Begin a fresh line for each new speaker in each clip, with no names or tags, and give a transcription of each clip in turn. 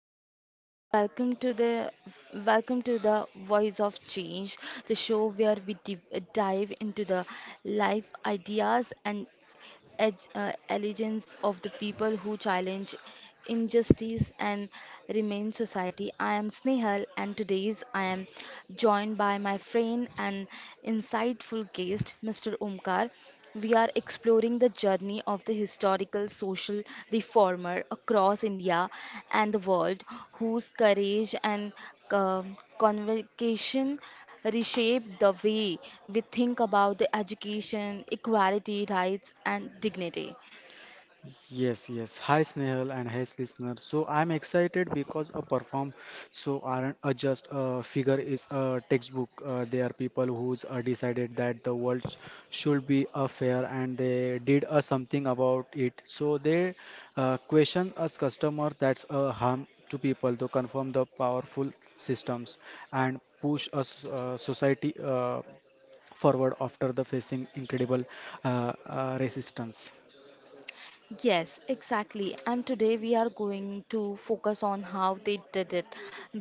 and welcome to the Voice of Change, the show where dive into the life ideas and allegiance of the people who challenge injustice and remain society. I am Snehal, and today's I am joined by my friend and insightful guest, Mr. Omkar. We are exploring the journey of the historical social reformer across India and the world, whose courage and convocation reshape the way we think about the education, equality, rights, and dignity.
Yes, yes. Hi Snehal and hi listener. So I'm excited because a perform so aren't a just a figure is a textbook. They are people who's decided that the world should be a fair and they did something about it. So they question us customer that's a harm to people to confirm the powerful systems and push us society forward after the facing incredible resistance.
Yes, exactly. And today we are going to focus on how they did it,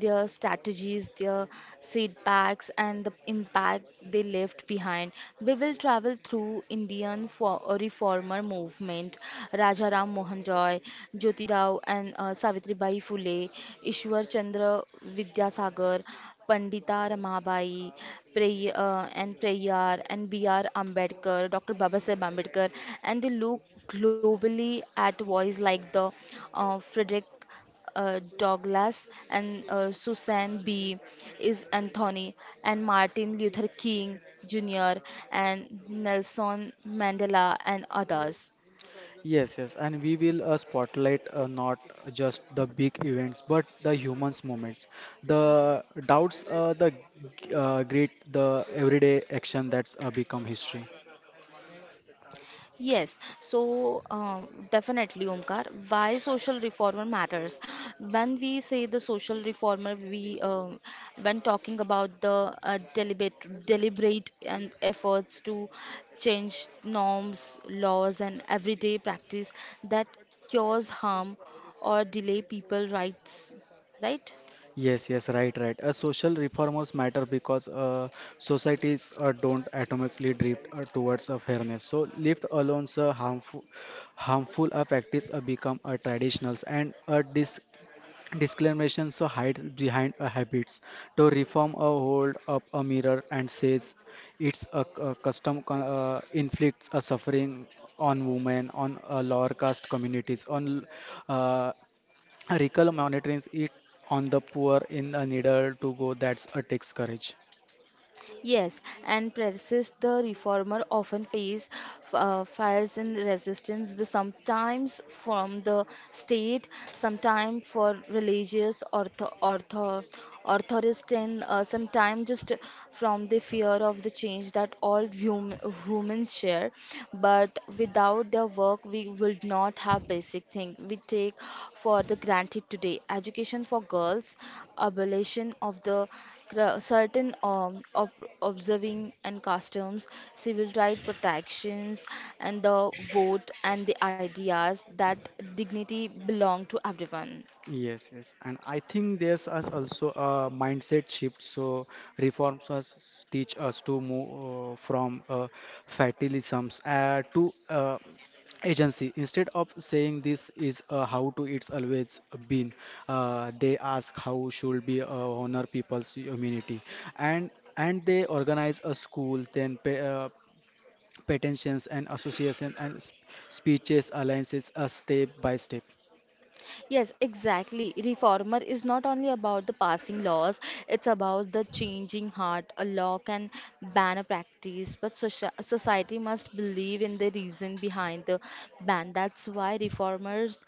their strategies, their setbacks, and the impact they left behind. We will travel through Indian for reformer movement, Rajaram Mohan Roy, Jyotirao, and Savitribai Phule, Ishwar Chandra Vidyasagar, Pandita Ramabai, Prayar, and B.R. Ambedkar, Dr. Babasaheb Ambedkar, and they look globally at voice like the Frederick Douglass and Susan B. is Anthony and Martin Luther King Jr. and Nelson Mandela and others.
Yes, yes, and we will spotlight not just the big events, but the humans moments, the doubts, the great, the everyday action that's become history.
Yes, so definitely, Omkar, why social reformer matters. When we say the social reformer, we when talking about the deliberate, deliberate and efforts to change norms, laws, and everyday practice that cause harm or delay people rights, right?
Yes, yes, right, right. Social reformers matter because societies don't automatically drift towards fairness. So, left alone, harmful practice become traditionals and Discriminations so hide behind a habits. To reform a hold up a mirror and says it's a custom inflicts a suffering on women, on lower caste communities, on uh, recall monitoring it on the poor in a needle to go. That's a takes courage.
Yes, and practice the reformer often face fires and resistance, sometimes from the state, sometimes for religious authority, sometimes just from the fear of the change that all humans share. But with Without their work, we would not have basic things we take for the granted today. Education for girls, abolition of the certain observing and customs, civil right protections, and the vote and the ideas that dignity belong to everyone.
Yes, yes, and I think there's us also a mindset shift. So reforms us teach us to move from fatalisms to agency. Instead of saying this is how to it's always been, they ask how should be honor people's humanity, and and they organize a school, then pay, petitions and associations and speeches alliances, a step by step.
Yes, exactly. Reformer is not only about the passing laws, it's about the changing heart. A law can ban a practice, but society must believe in the reason behind the ban. That's why reformers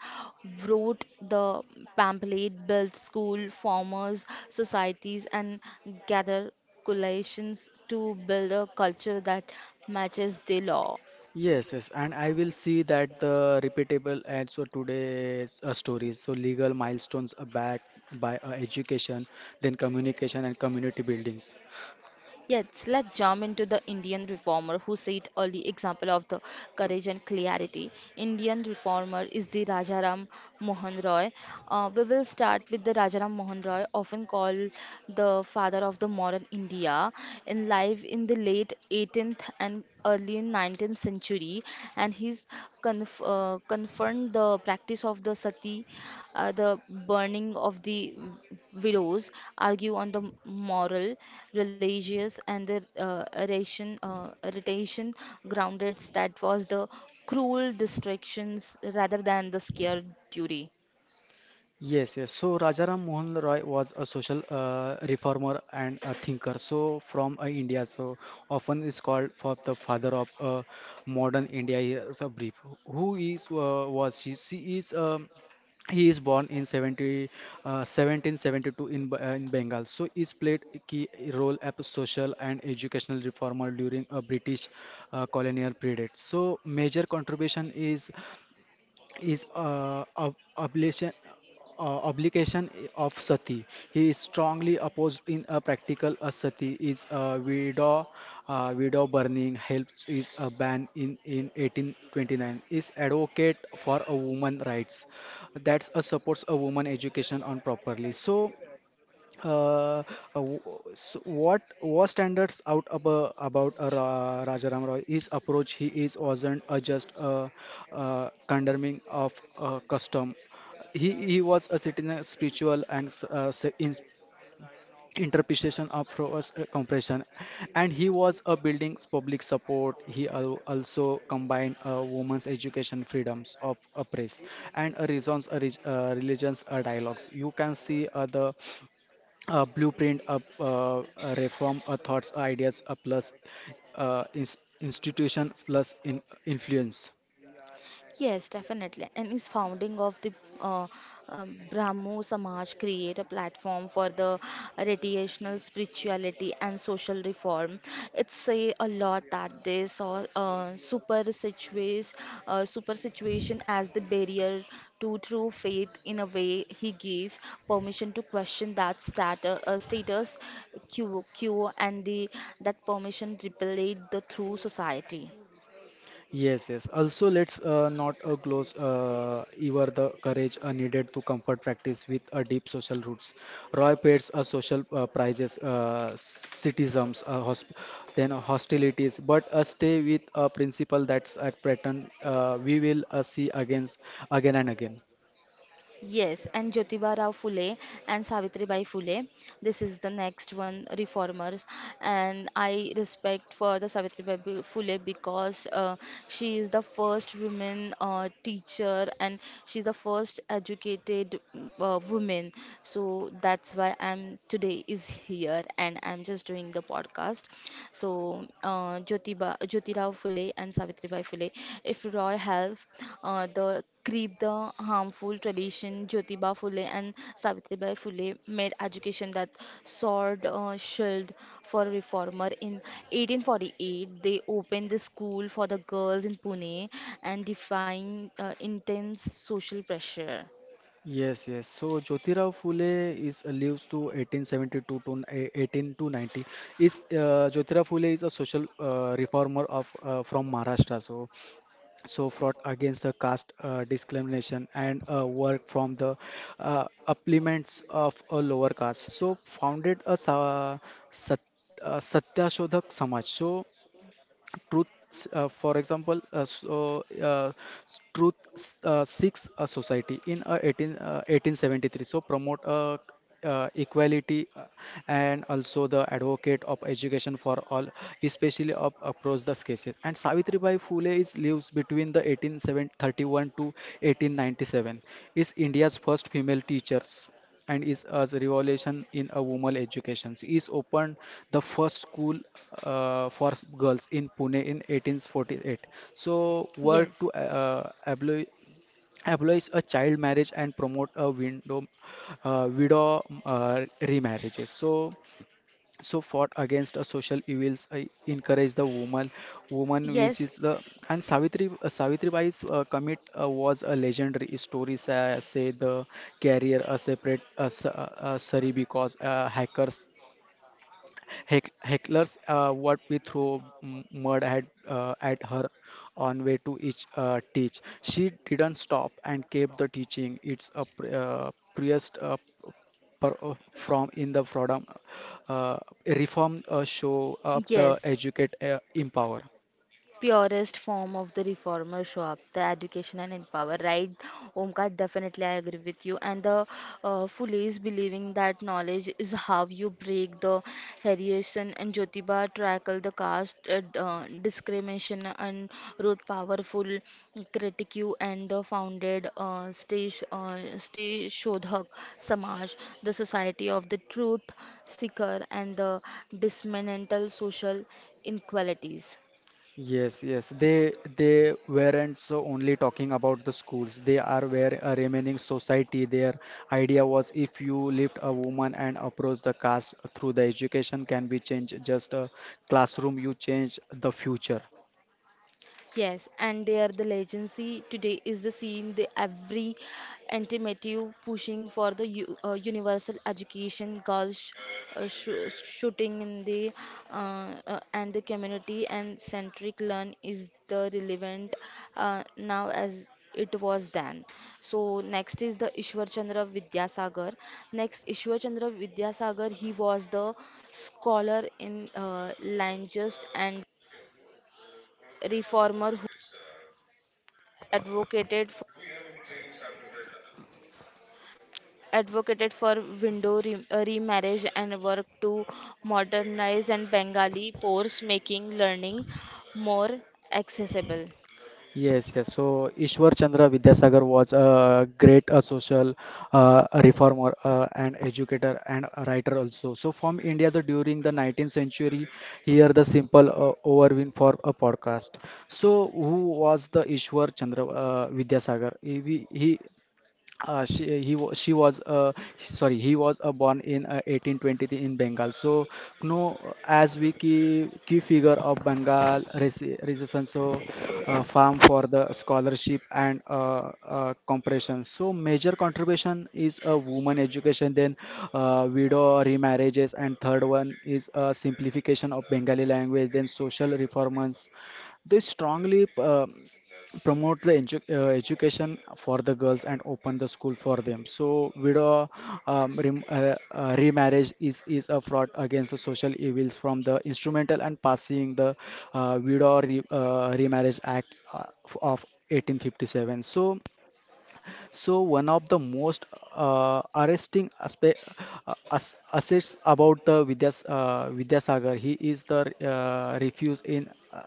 wrote the pamphlet, built school, farmers, societies, and gather coalitions to build a culture that matches the law.
Yes, yes, and I will see that the repeatable ads for today's stories. So legal milestones are backed by education, then communication and community buildings.
Yes, let's jump into the Indian reformer who set early example of the courage and clarity. Indian reformer is the Rajaram Mohan Roy. We will start with the Rajaram Mohan Roy, often called the father of the modern India, in life in the late 18th and early in 19th century and he's confirmed the practice of the sati the burning of the widows argue on the moral religious and the irritation grounded that was the cruel distractions rather than the scare duty.
Yes, yes. So Rajaram Mohan Roy was a social reformer and a thinker. So from India, so often is called for the father of modern India. Here is a brief. Who is was she? She is. A. He is born in 70, 1772 in, in Bengal. So he's played a key role as a social and educational reformer during a British colonial period. So major contribution is obligation of sati. He is strongly opposed in a practical a sati is a widow widow burning helps is a ban in 1829, is advocate for a woman rights that's a supports a woman education on properly so uh, uh, w- so what standards out about Rajaram Roy? His approach, he is wasn't just condemning of custom. He was a citizen spiritual and in, interpretation of Roy's compression, and he was a building public support. He also combined women's education freedoms of a press and a reasons religions dialogues. You can see the a blueprint of a reform a thoughts ideas a plus institution plus in influence.
Yes, definitely. And his founding of the uh, Brahmo Samaj create a platform for the radiational spirituality and social reform. It say a lot that they saw super situation as the barrier to true faith. In a way, he gave permission to question that status, quo, and the that permission repelled the true society.
Yes, yes, also let's not close ever the courage needed to comfort practice with a deep social roots. Roy pays a social prizes citizens then hostilities but stay with a principle that's a pattern we will see against again and again.
Yes, and Jyotiba Rao Phule and Savitribai Phule. This is the next one, reformers. And I respect for the Savitribai Phule because she is the first woman teacher and she's the first educated woman. So that's why I'm today is here and I'm just doing the podcast. So, Jyotirao Phule and Savitribai Phule. If Roy helped the creep the harmful tradition, Jyotiba Phule and Savitribai Phule made education that sword shield for reformer. In 1848, they opened the school for the girls in Pune and defying intense social pressure.
Yes, yes. So Jyotirao Phule is lives to 1872 to 18 to 90. Is Jyotirao Phule is a social reformer of from Maharashtra. So fought against the caste discrimination and work from the uplements of a lower caste. So founded a sat- Satyashodhak Samaj. So truth for example uh, truth seeks a society in 18 1873, so promote equality and also the advocate of education for all especially of across the cases. And Savitribai Phule is lives between the 1831 to 1897, is India's first female teachers and is a revolution in a woman education. She is opened the first school for girls in Pune in 1848. So work
Yes.
to abolish a child marriage and promote a window widow remarriages. So fought against social evils, I encourage
Yes,
the woman which is the. And Savitribai's commit was a legendary story. Say the carrier a separate sorry because hackers, hecklers what we throw mud at her on way to each teach. She didn't stop and kept the teaching. It's a priest per- uh, from in the freedom uh, reform show up
yes.
the educate empower.
Purest form of the reformer show up the education and empower, right, Omkar? Definitely, I agree with you, and the foolish believing that knowledge is how you break the hierarchy. And Jyotiba tackle the caste discrimination and wrote powerful critique and the founded stage Shodhak Samaj, the society of the truth seeker and the dismantle social inequalities.
Yes, yes. They weren't so only talking about the schools. They are where a remaining society. Their idea was if you lift a woman and approach the caste through the education can be changed. Just a classroom, you change the future.
Yes, and they are the legacy today is the scene the every intimative pushing for the universal education girls shoo- shooting in the and the community and centric learn is the relevant now as it was then. So next is the Ishwar Chandra Vidyasagar. Next Ishwar Chandra Vidyasagar he was the scholar in language and reformer advocated for, advocated for window remarriage and worked to modernize and Bengali course making learning more accessible.
Yes, yes. So Ishwar Chandra Vidyasagar was a great social reformer and educator and a writer also. So from India, the during the 19th century, here the simple overview for a podcast. So who was the Ishwar Chandra Vidyasagar? He she he wa- she was sorry, he was born in 1823 in Bengal. So no as we key figure of Bengal resistance, so farm for the scholarship and compression. So major contribution is a woman education, then widow remarriages, and third one is simplification of Bengali language, then social reforms. They strongly promote the education for the girls and open the school for them. So widow remarriage is a fraud against the social evils from the instrumental and passing the widow remarriage act of 1857. So one of the most arresting aspe as assets about the Vidyasagar, he is the refuse in uh,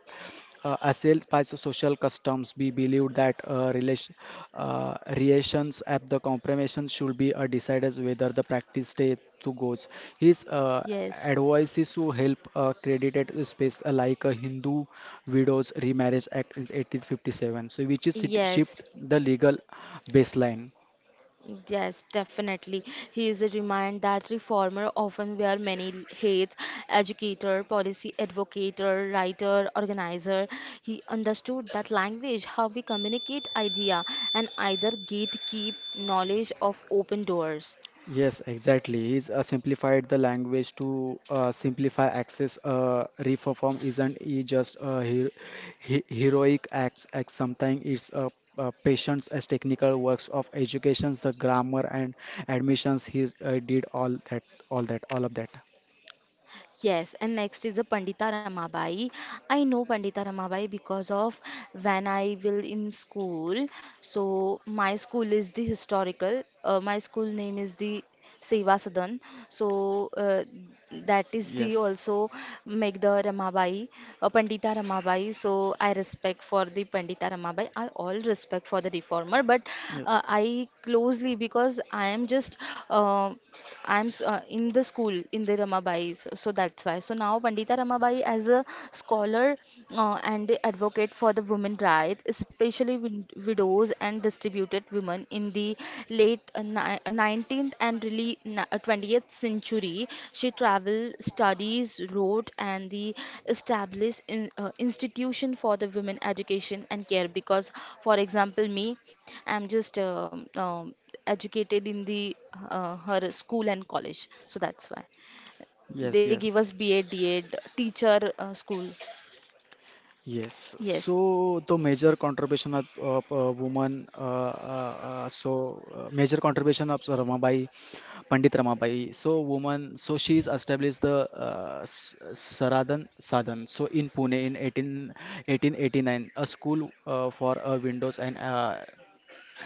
uh, assailed by social customs. We believe that relation, sessions at the compromise should be decided whether the practice day to goes. His
Yes.
advice is to help credited space like a Hindu Widows Remarriage Act in 1857, so which is shift
Yes,
the legal baseline.
yes, definitely. He is a reminder that reformer often wear many hats: educator, policy advocate, writer, organizer. He understood that language, how we communicate idea, and either gatekeep knowledge of open doors.
Yes, exactly. He's simplified the language to simplify access. Reform isn't he just a he heroic act, sometimes it's patience as technical works of educations, the grammar and admissions. He did all of that.
Yes, and next is the Pandita Ramabai. I know Pandita Ramabai because of when I will in school. So my school is the historical. My school name is the Seva Sadan. So that is the
Yes,
also make the Pandita Ramabai. So I respect for the Pandita Ramabai. I all respect for the reformer, but
yes,
I closely because I am just. Uh, in the school in the Ramabai's, so so that's why. So now Pandita Ramabai, as a scholar and advocate for the women rights, especially widows and distributed women in the late 19th and really 20th century, she traveled, studies, wrote, and the established institution for the women education and care. Because, for example, me, I'm just educated in the her school and college, so that's why
yes,
they give
yes.
us BA DA teacher school.
Yes,
Yes,
so the major contribution of woman, major contribution of Sir Ramabai, Pandit Ramabai. So woman, so she's established the Saradan Sadan, so in Pune in 18, 1889, a school for windows and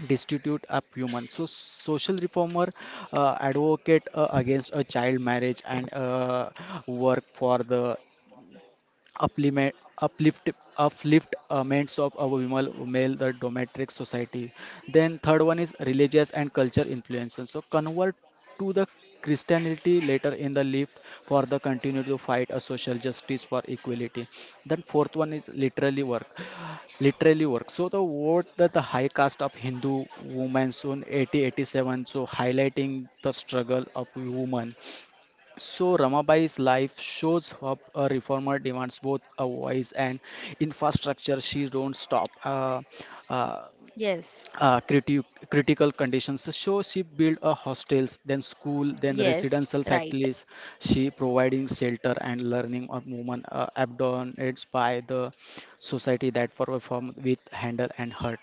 destitute of human. So social reformer advocate against a child marriage and work for the uplift uplift upliftments of our male the dominatrix society. Then third one is religious and culture influences so convert to the Christianity later in the life for the continue to fight a social justice for equality. Then fourth one is literally work so the what that the high caste of Hindu women soon 8087, so highlighting the struggle of women. So Ramabai's life shows up a reformer demands both a voice and infrastructure. She don't stop uh,
yes,
uh, criti- critical conditions. So she built a hostels, then school, then
yes,
residential
right.
factories. She providing shelter and learning of women abandoned by the society that for perform with handle and hurt.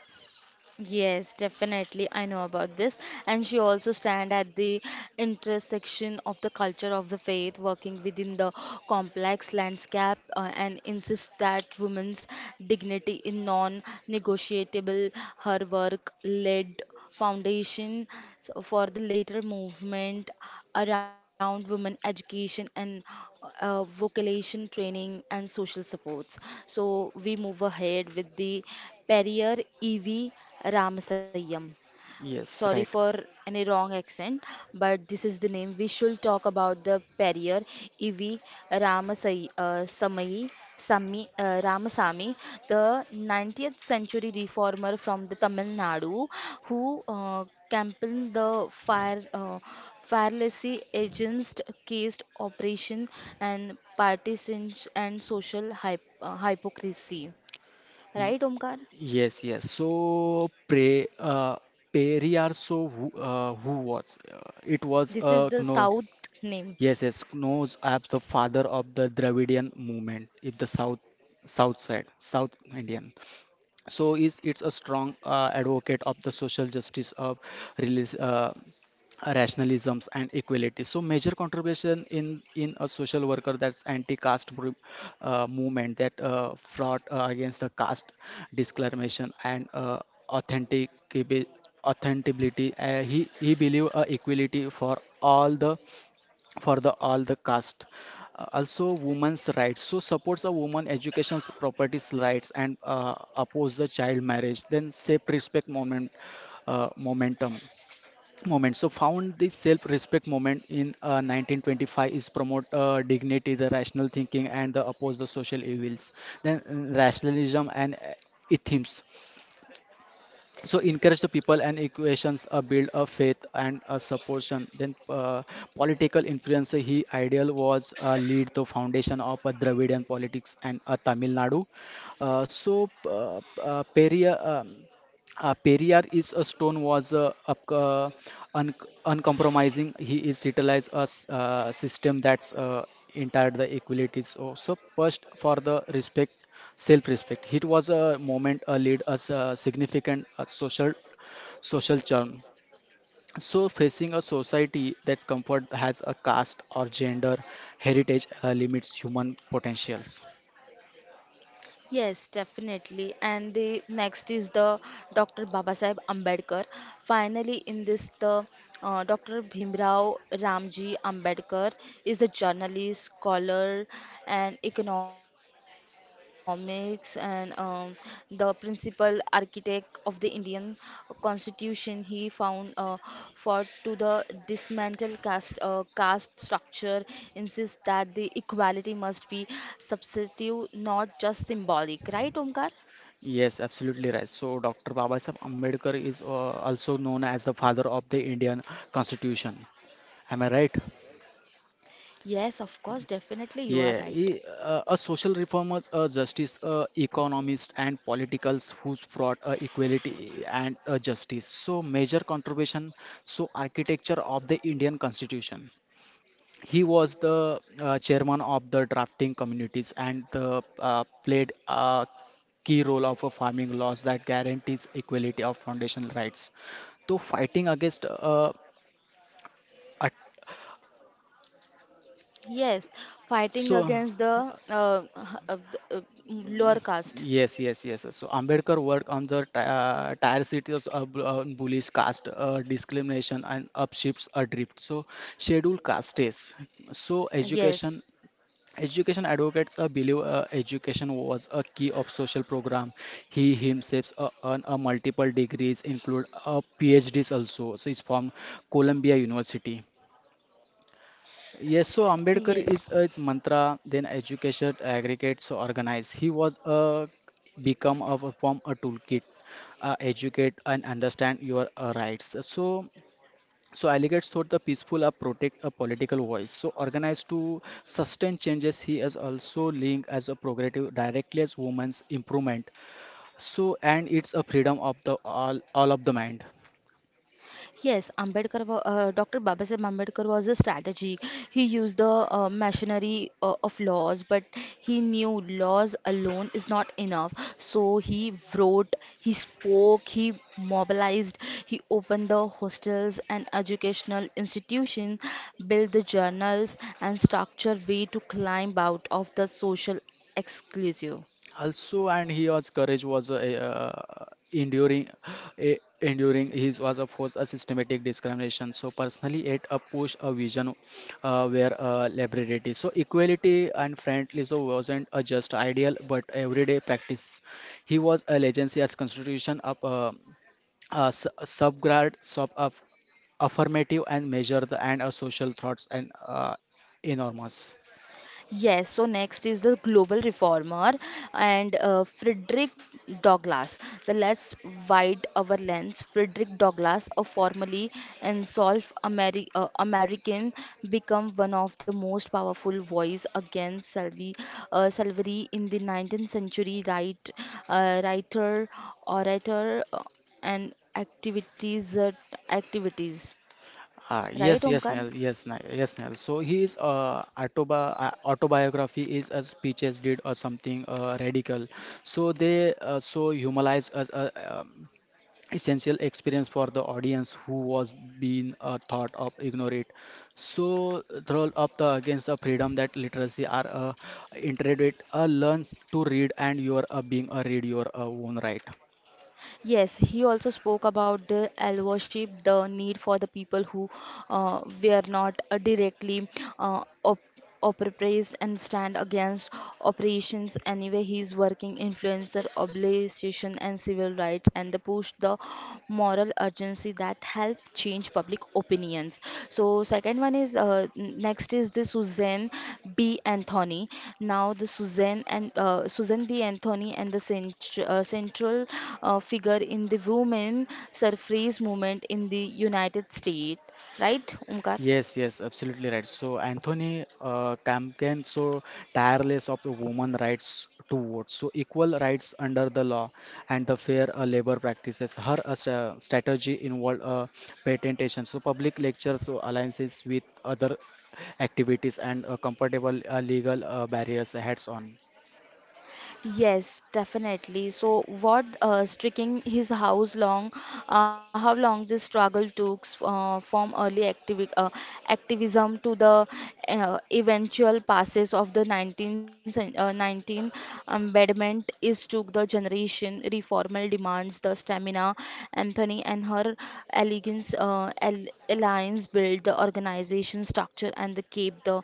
Yes, definitely. I know about this. And she also stand at the intersection of the culture of the faith, working within the complex landscape, and insists that women's dignity is non-negotiable. Her work led foundation for the later movement around women education and vocation training and social supports. So we move ahead with the Periyar E.V. Ramasayam, sorry
Yes, right.
for any wrong accent, but this is the name. We should talk about the Perrier Evi Ramasai, Samai, Sami, Ramasamy, the 19th century reformer from the Tamil Nadu, who campaigned fearlessly against caste oppression and partisan and social hypocrisy. Right, Omkar?
Yes, yes. So Pre Periarso who was it was
This is
a
the
no,
South name.
yes, yes, Knows as the father of the Dravidian movement. If the south side South Indian. So is it's a strong advocate of the social justice of release. Rationalisms and equality, so major contribution in a social worker, that's anti-caste movement that fought against the caste discrimination and authentic authenticity. He believed equality for all the for the all the caste. Also women's rights, so supports a woman education's properties rights and oppose the child marriage, then safe respect moment moment, so found the self-respect moment in 1925, is promote dignity the rational thinking and the oppose the social evils. Then rationalism and ethics so encourage the people and equations build a faith and a supportion. Then political influence, he ideal was lead the foundation of a Dravidian politics and Tamil Nadu. uh, so uh, uh, Periyar, um, Periyar is a stone was un- uncompromising. He is utilized a system that's entire the equalities. So, first for the respect. Self respect. It was a moment a lead us a significant social charm. So facing a society that comfort has a caste or gender heritage limits human potentials.
Yes, definitely. And the next is the Dr. Babasaheb Ambedkar. Finally, in this, the Dr. Bhimrao Ramji Ambedkar is a journalist, scholar, and economics, and the principal architect of the Indian Constitution. He found fought to the dismantle caste caste structure, insists that the equality must be substantive, not just symbolic. Right, Omkar?
Yes, absolutely right. So Dr. Babasaheb Ambedkar is also known as the father of the Indian Constitution. Am I right?
Yes, of course, definitely, you are
Yeah,
right.
he a social reformers, a justice, a economist, and politicals who's brought equality and justice. So major contribution. So architecture of the Indian Constitution. He was the chairman of the drafting communities and the played a key role of a farming laws that guarantees equality of foundational rights. So fighting against at-
Yes, fighting
so
against the uh, h- uh, the, uh, lower caste.
yes, yes, yes, sir. So Ambedkar worked on the tire cities of bullish caste discrimination and upshifts adrift. So scheduled castes. So
Yes,
education. Education advocates believe education was a key of social program. He himself earned multiple degrees, include PhDs also. So it's from Columbia University. Yes, so Ambedkar
yes.
is its mantra, then education, aggregate, so organize. He was a become a from a toolkit, educate and understand your rights. So, so Alligates thought the peaceful are protect a political voice. So organize to sustain changes. He is also linked as a progressive directly as women's improvement. So and it's a freedom of the all of the mind.
Yes, Dr. Babasaheb Ambedkar was a strategy. He used the machinery of laws, but he knew laws alone is not enough. So he wrote, he spoke, he mobilized, he opened the hostels and educational institutions, built the journals, and structured way to climb out of the social exclusive.
Also and he was courage was a enduring enduring he was of course a systematic discrimination, so personally it a push a vision where liberty so equality and friendly so wasn't a just ideal but everyday practice. He was a legacy as constitution of a subgrad sub of affirmative and measure the and a social thoughts and enormous.
Yes, so next is the global reformer and Frederick Douglass. The less wide our lens, Frederick Douglass, a formerly enslaved American, became one of the most powerful voice against slavery in the 19th century. Right, writer, orator, and activities.
Ah,
Right,
yes, yes,
Omkar?
Nell, yes, Nell, yes, Nell. So his autobiography is a speeches did or something radical. So they so humanize as a essential experience for the audience who was being thought of ignore it. So throw up the against the freedom that literacy are integrate learns to read and you are being a read your own right.
Yes, he also spoke about the allyship, the need for the people who were not directly uh, op- oppressed and stand against operations. Anyway, he is working influencer, obligation, and civil rights, and the push the moral urgency that that help change public opinions. So second one is next is the Suzanne B. Anthony. Now the Suzanne and Suzanne B. Anthony and the central figure in the women suffrage movement in the United States. Right, Umkar?
Yes, yes, absolutely right. So Anthony campaigned so tireless of the women rights to vote, so equal rights under the law and the fair labor practices. Her strategy involved patentation, so public lectures, so alliances with other activities and comfortable legal barriers heads on.
Yes, definitely. So, what streaking his house long, how long this struggle took from early activism to the eventual passes of the 19th amendment is took the generation. Reformer demands the stamina. Anthony and her elegance, al alliance build the organization structure and they keep the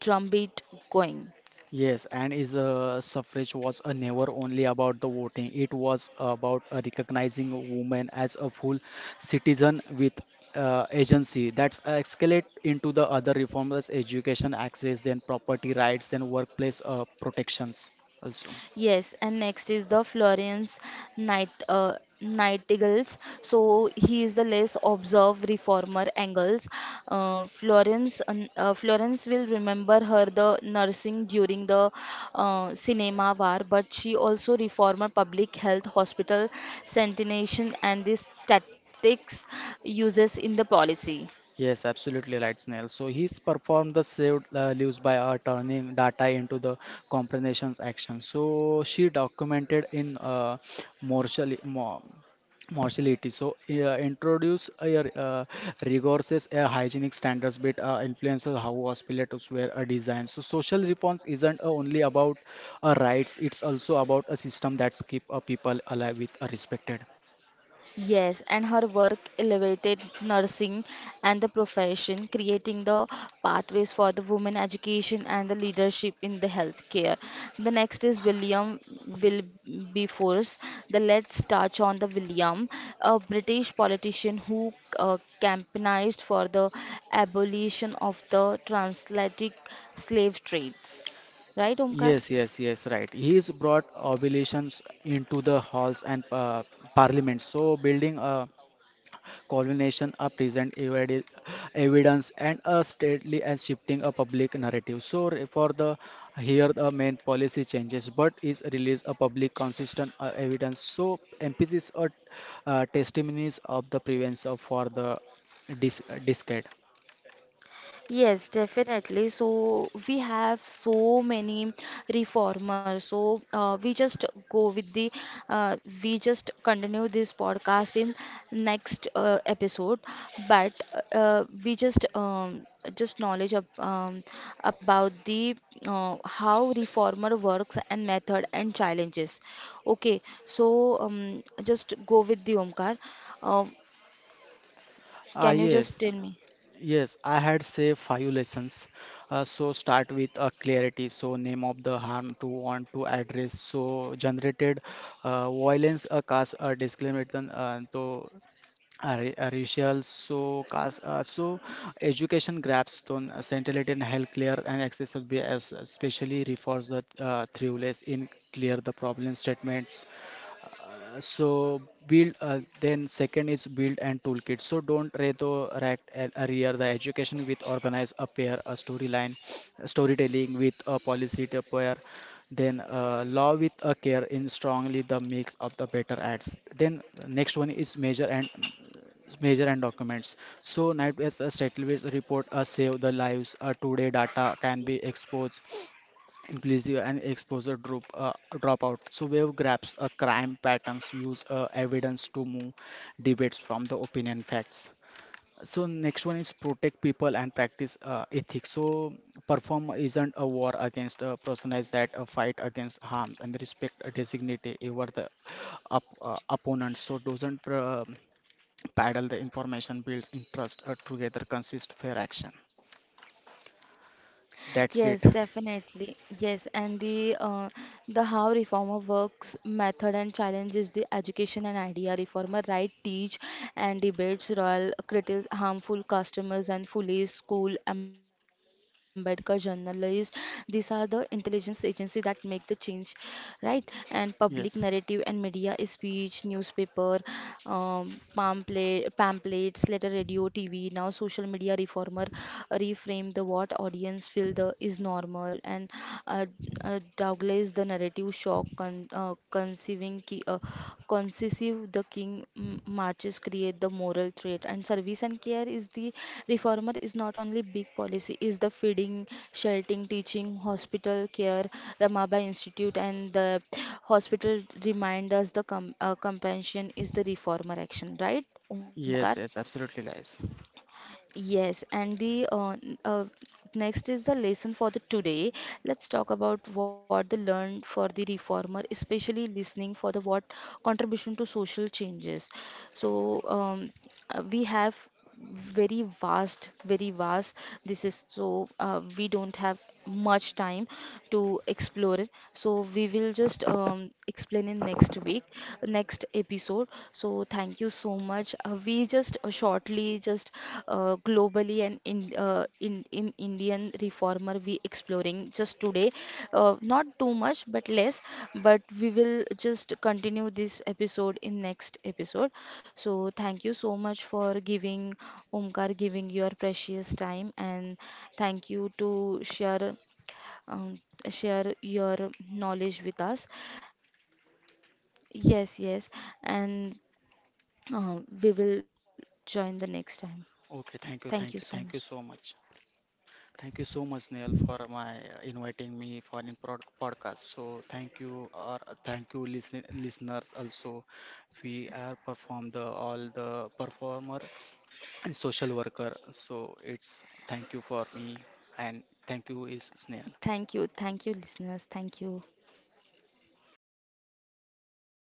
drumbeat going.
Yes, and is suffrage was never only about the voting. It was about recognizing women as a full citizen with agency. That's escalate into the other reforms, education access, then property rights, then workplace protections also.
Yes, and next is the Florence Night uh, Nightingales. So he is the less observed reformer Engels. Florence will remember her the nursing during the cinema war, but she also reformer public health hospital sanitation and this tactics uses in the policy.
Yes, absolutely right, Snail. So he's performed the saved lives by turning data into the comprehensions action. So she documented in mortally, mo- mortality. So introduce a rigorous hygienic standards, but influences how hospitals were designed. So social reforms isn't only about rights; it's also about a system that's keep people alive with respected.
Yes, and her work elevated nursing and the profession, creating the pathways for the women education and the leadership in the healthcare. The next is William Will be force. The Let's touch on the William, a British politician who campaigned for the abolition of the transatlantic slave trades. Right, Omkar?
Yes, yes, yes, right. He's brought oblations into the halls and parliaments. So, building a colonization, a present evidence, and a stately and shifting a public narrative. So, for the here the main policy changes, but is released a public consistent evidence. So, emphasis or testimonies of the prevalence of for the decade.
Yes, definitely. So we have so many reformers. So we just go with uh, we just continue this podcast in next episode. But we just knowledge about the how reformer works and method and challenges. Okay, so just go with the Omkar. Uh,
Ah,
can you just
yes.
tell me?
Yes, I had say five lessons. So start with clarity. So name of the harm to want to address. So generated violence cause a disclaimer. Then to racial. So cause so education grabs on centrality and health clear and accessible as especially refers the through less in clear the problem statements so build then second is build and toolkit so don't reto rack and arrear the education with organize a pair a storyline storytelling with a policy to pair, then law with a care in strongly the mix of the better ads, then next one is measure and documents. So night as a settlement report a save the lives a today data can be exposed inclusive and exposure drop dropout. So wave grabs a crime patterns use evidence to move debates from the opinion facts. So next one is protect people and practice ethics. So perform isn't a war against a personalized that a fight against harms and respect a designate over the up opponent. So doesn't paddle the information builds interest together consist fair action. That's
Yes,
it.
definitely. Yes, and the how reformer works method and challenges the education and idea reformer right teach and debates royal critics harmful customers and police school Ambedkar journalists. These are the intelligence agency that make the change, right? And public narrative
Yes.
and media is speech, newspaper, pamphlets, letter, radio, TV. Now social media reformer performer reframe the what audience feel the is normal and uh, Douglas the narrative shock concessive the king marches create the moral threat and service and care is the reformer is not only big policy is the feeding sheltering teaching hospital care Ramabai institute and the hospital remind us the compassion is the reformer action, right, Omkar?
Yes, yes, absolutely lies.
Yes, and the next is the lesson for the today. Let's talk about what the learned for the reformer, especially listening for the what contribution to social changes. So we have very vast, very vast. This is so we don't have much time to explore it. So we will just explain in next week, next episode. So thank you so much. We just shortly just globally and in Indian reformer we exploring just today. Not too much, but less. But we will just continue this episode in next episode. So thank you so much for giving Omkar giving your precious time and thank you to share um, share your knowledge with us. Yes, yes, and we will join the next time.
Okay,
Thank
thank
you
you,
so
thank you,
much.
thank you so much. Thank you so much, Neil, for my inviting me for in prod podcast. So thank you, or thank you, listeners. Also, we are perform the all the performer and social worker. So it's thank you for me, and thank you is Snail.
Thank you. Thank you, listeners. Thank you.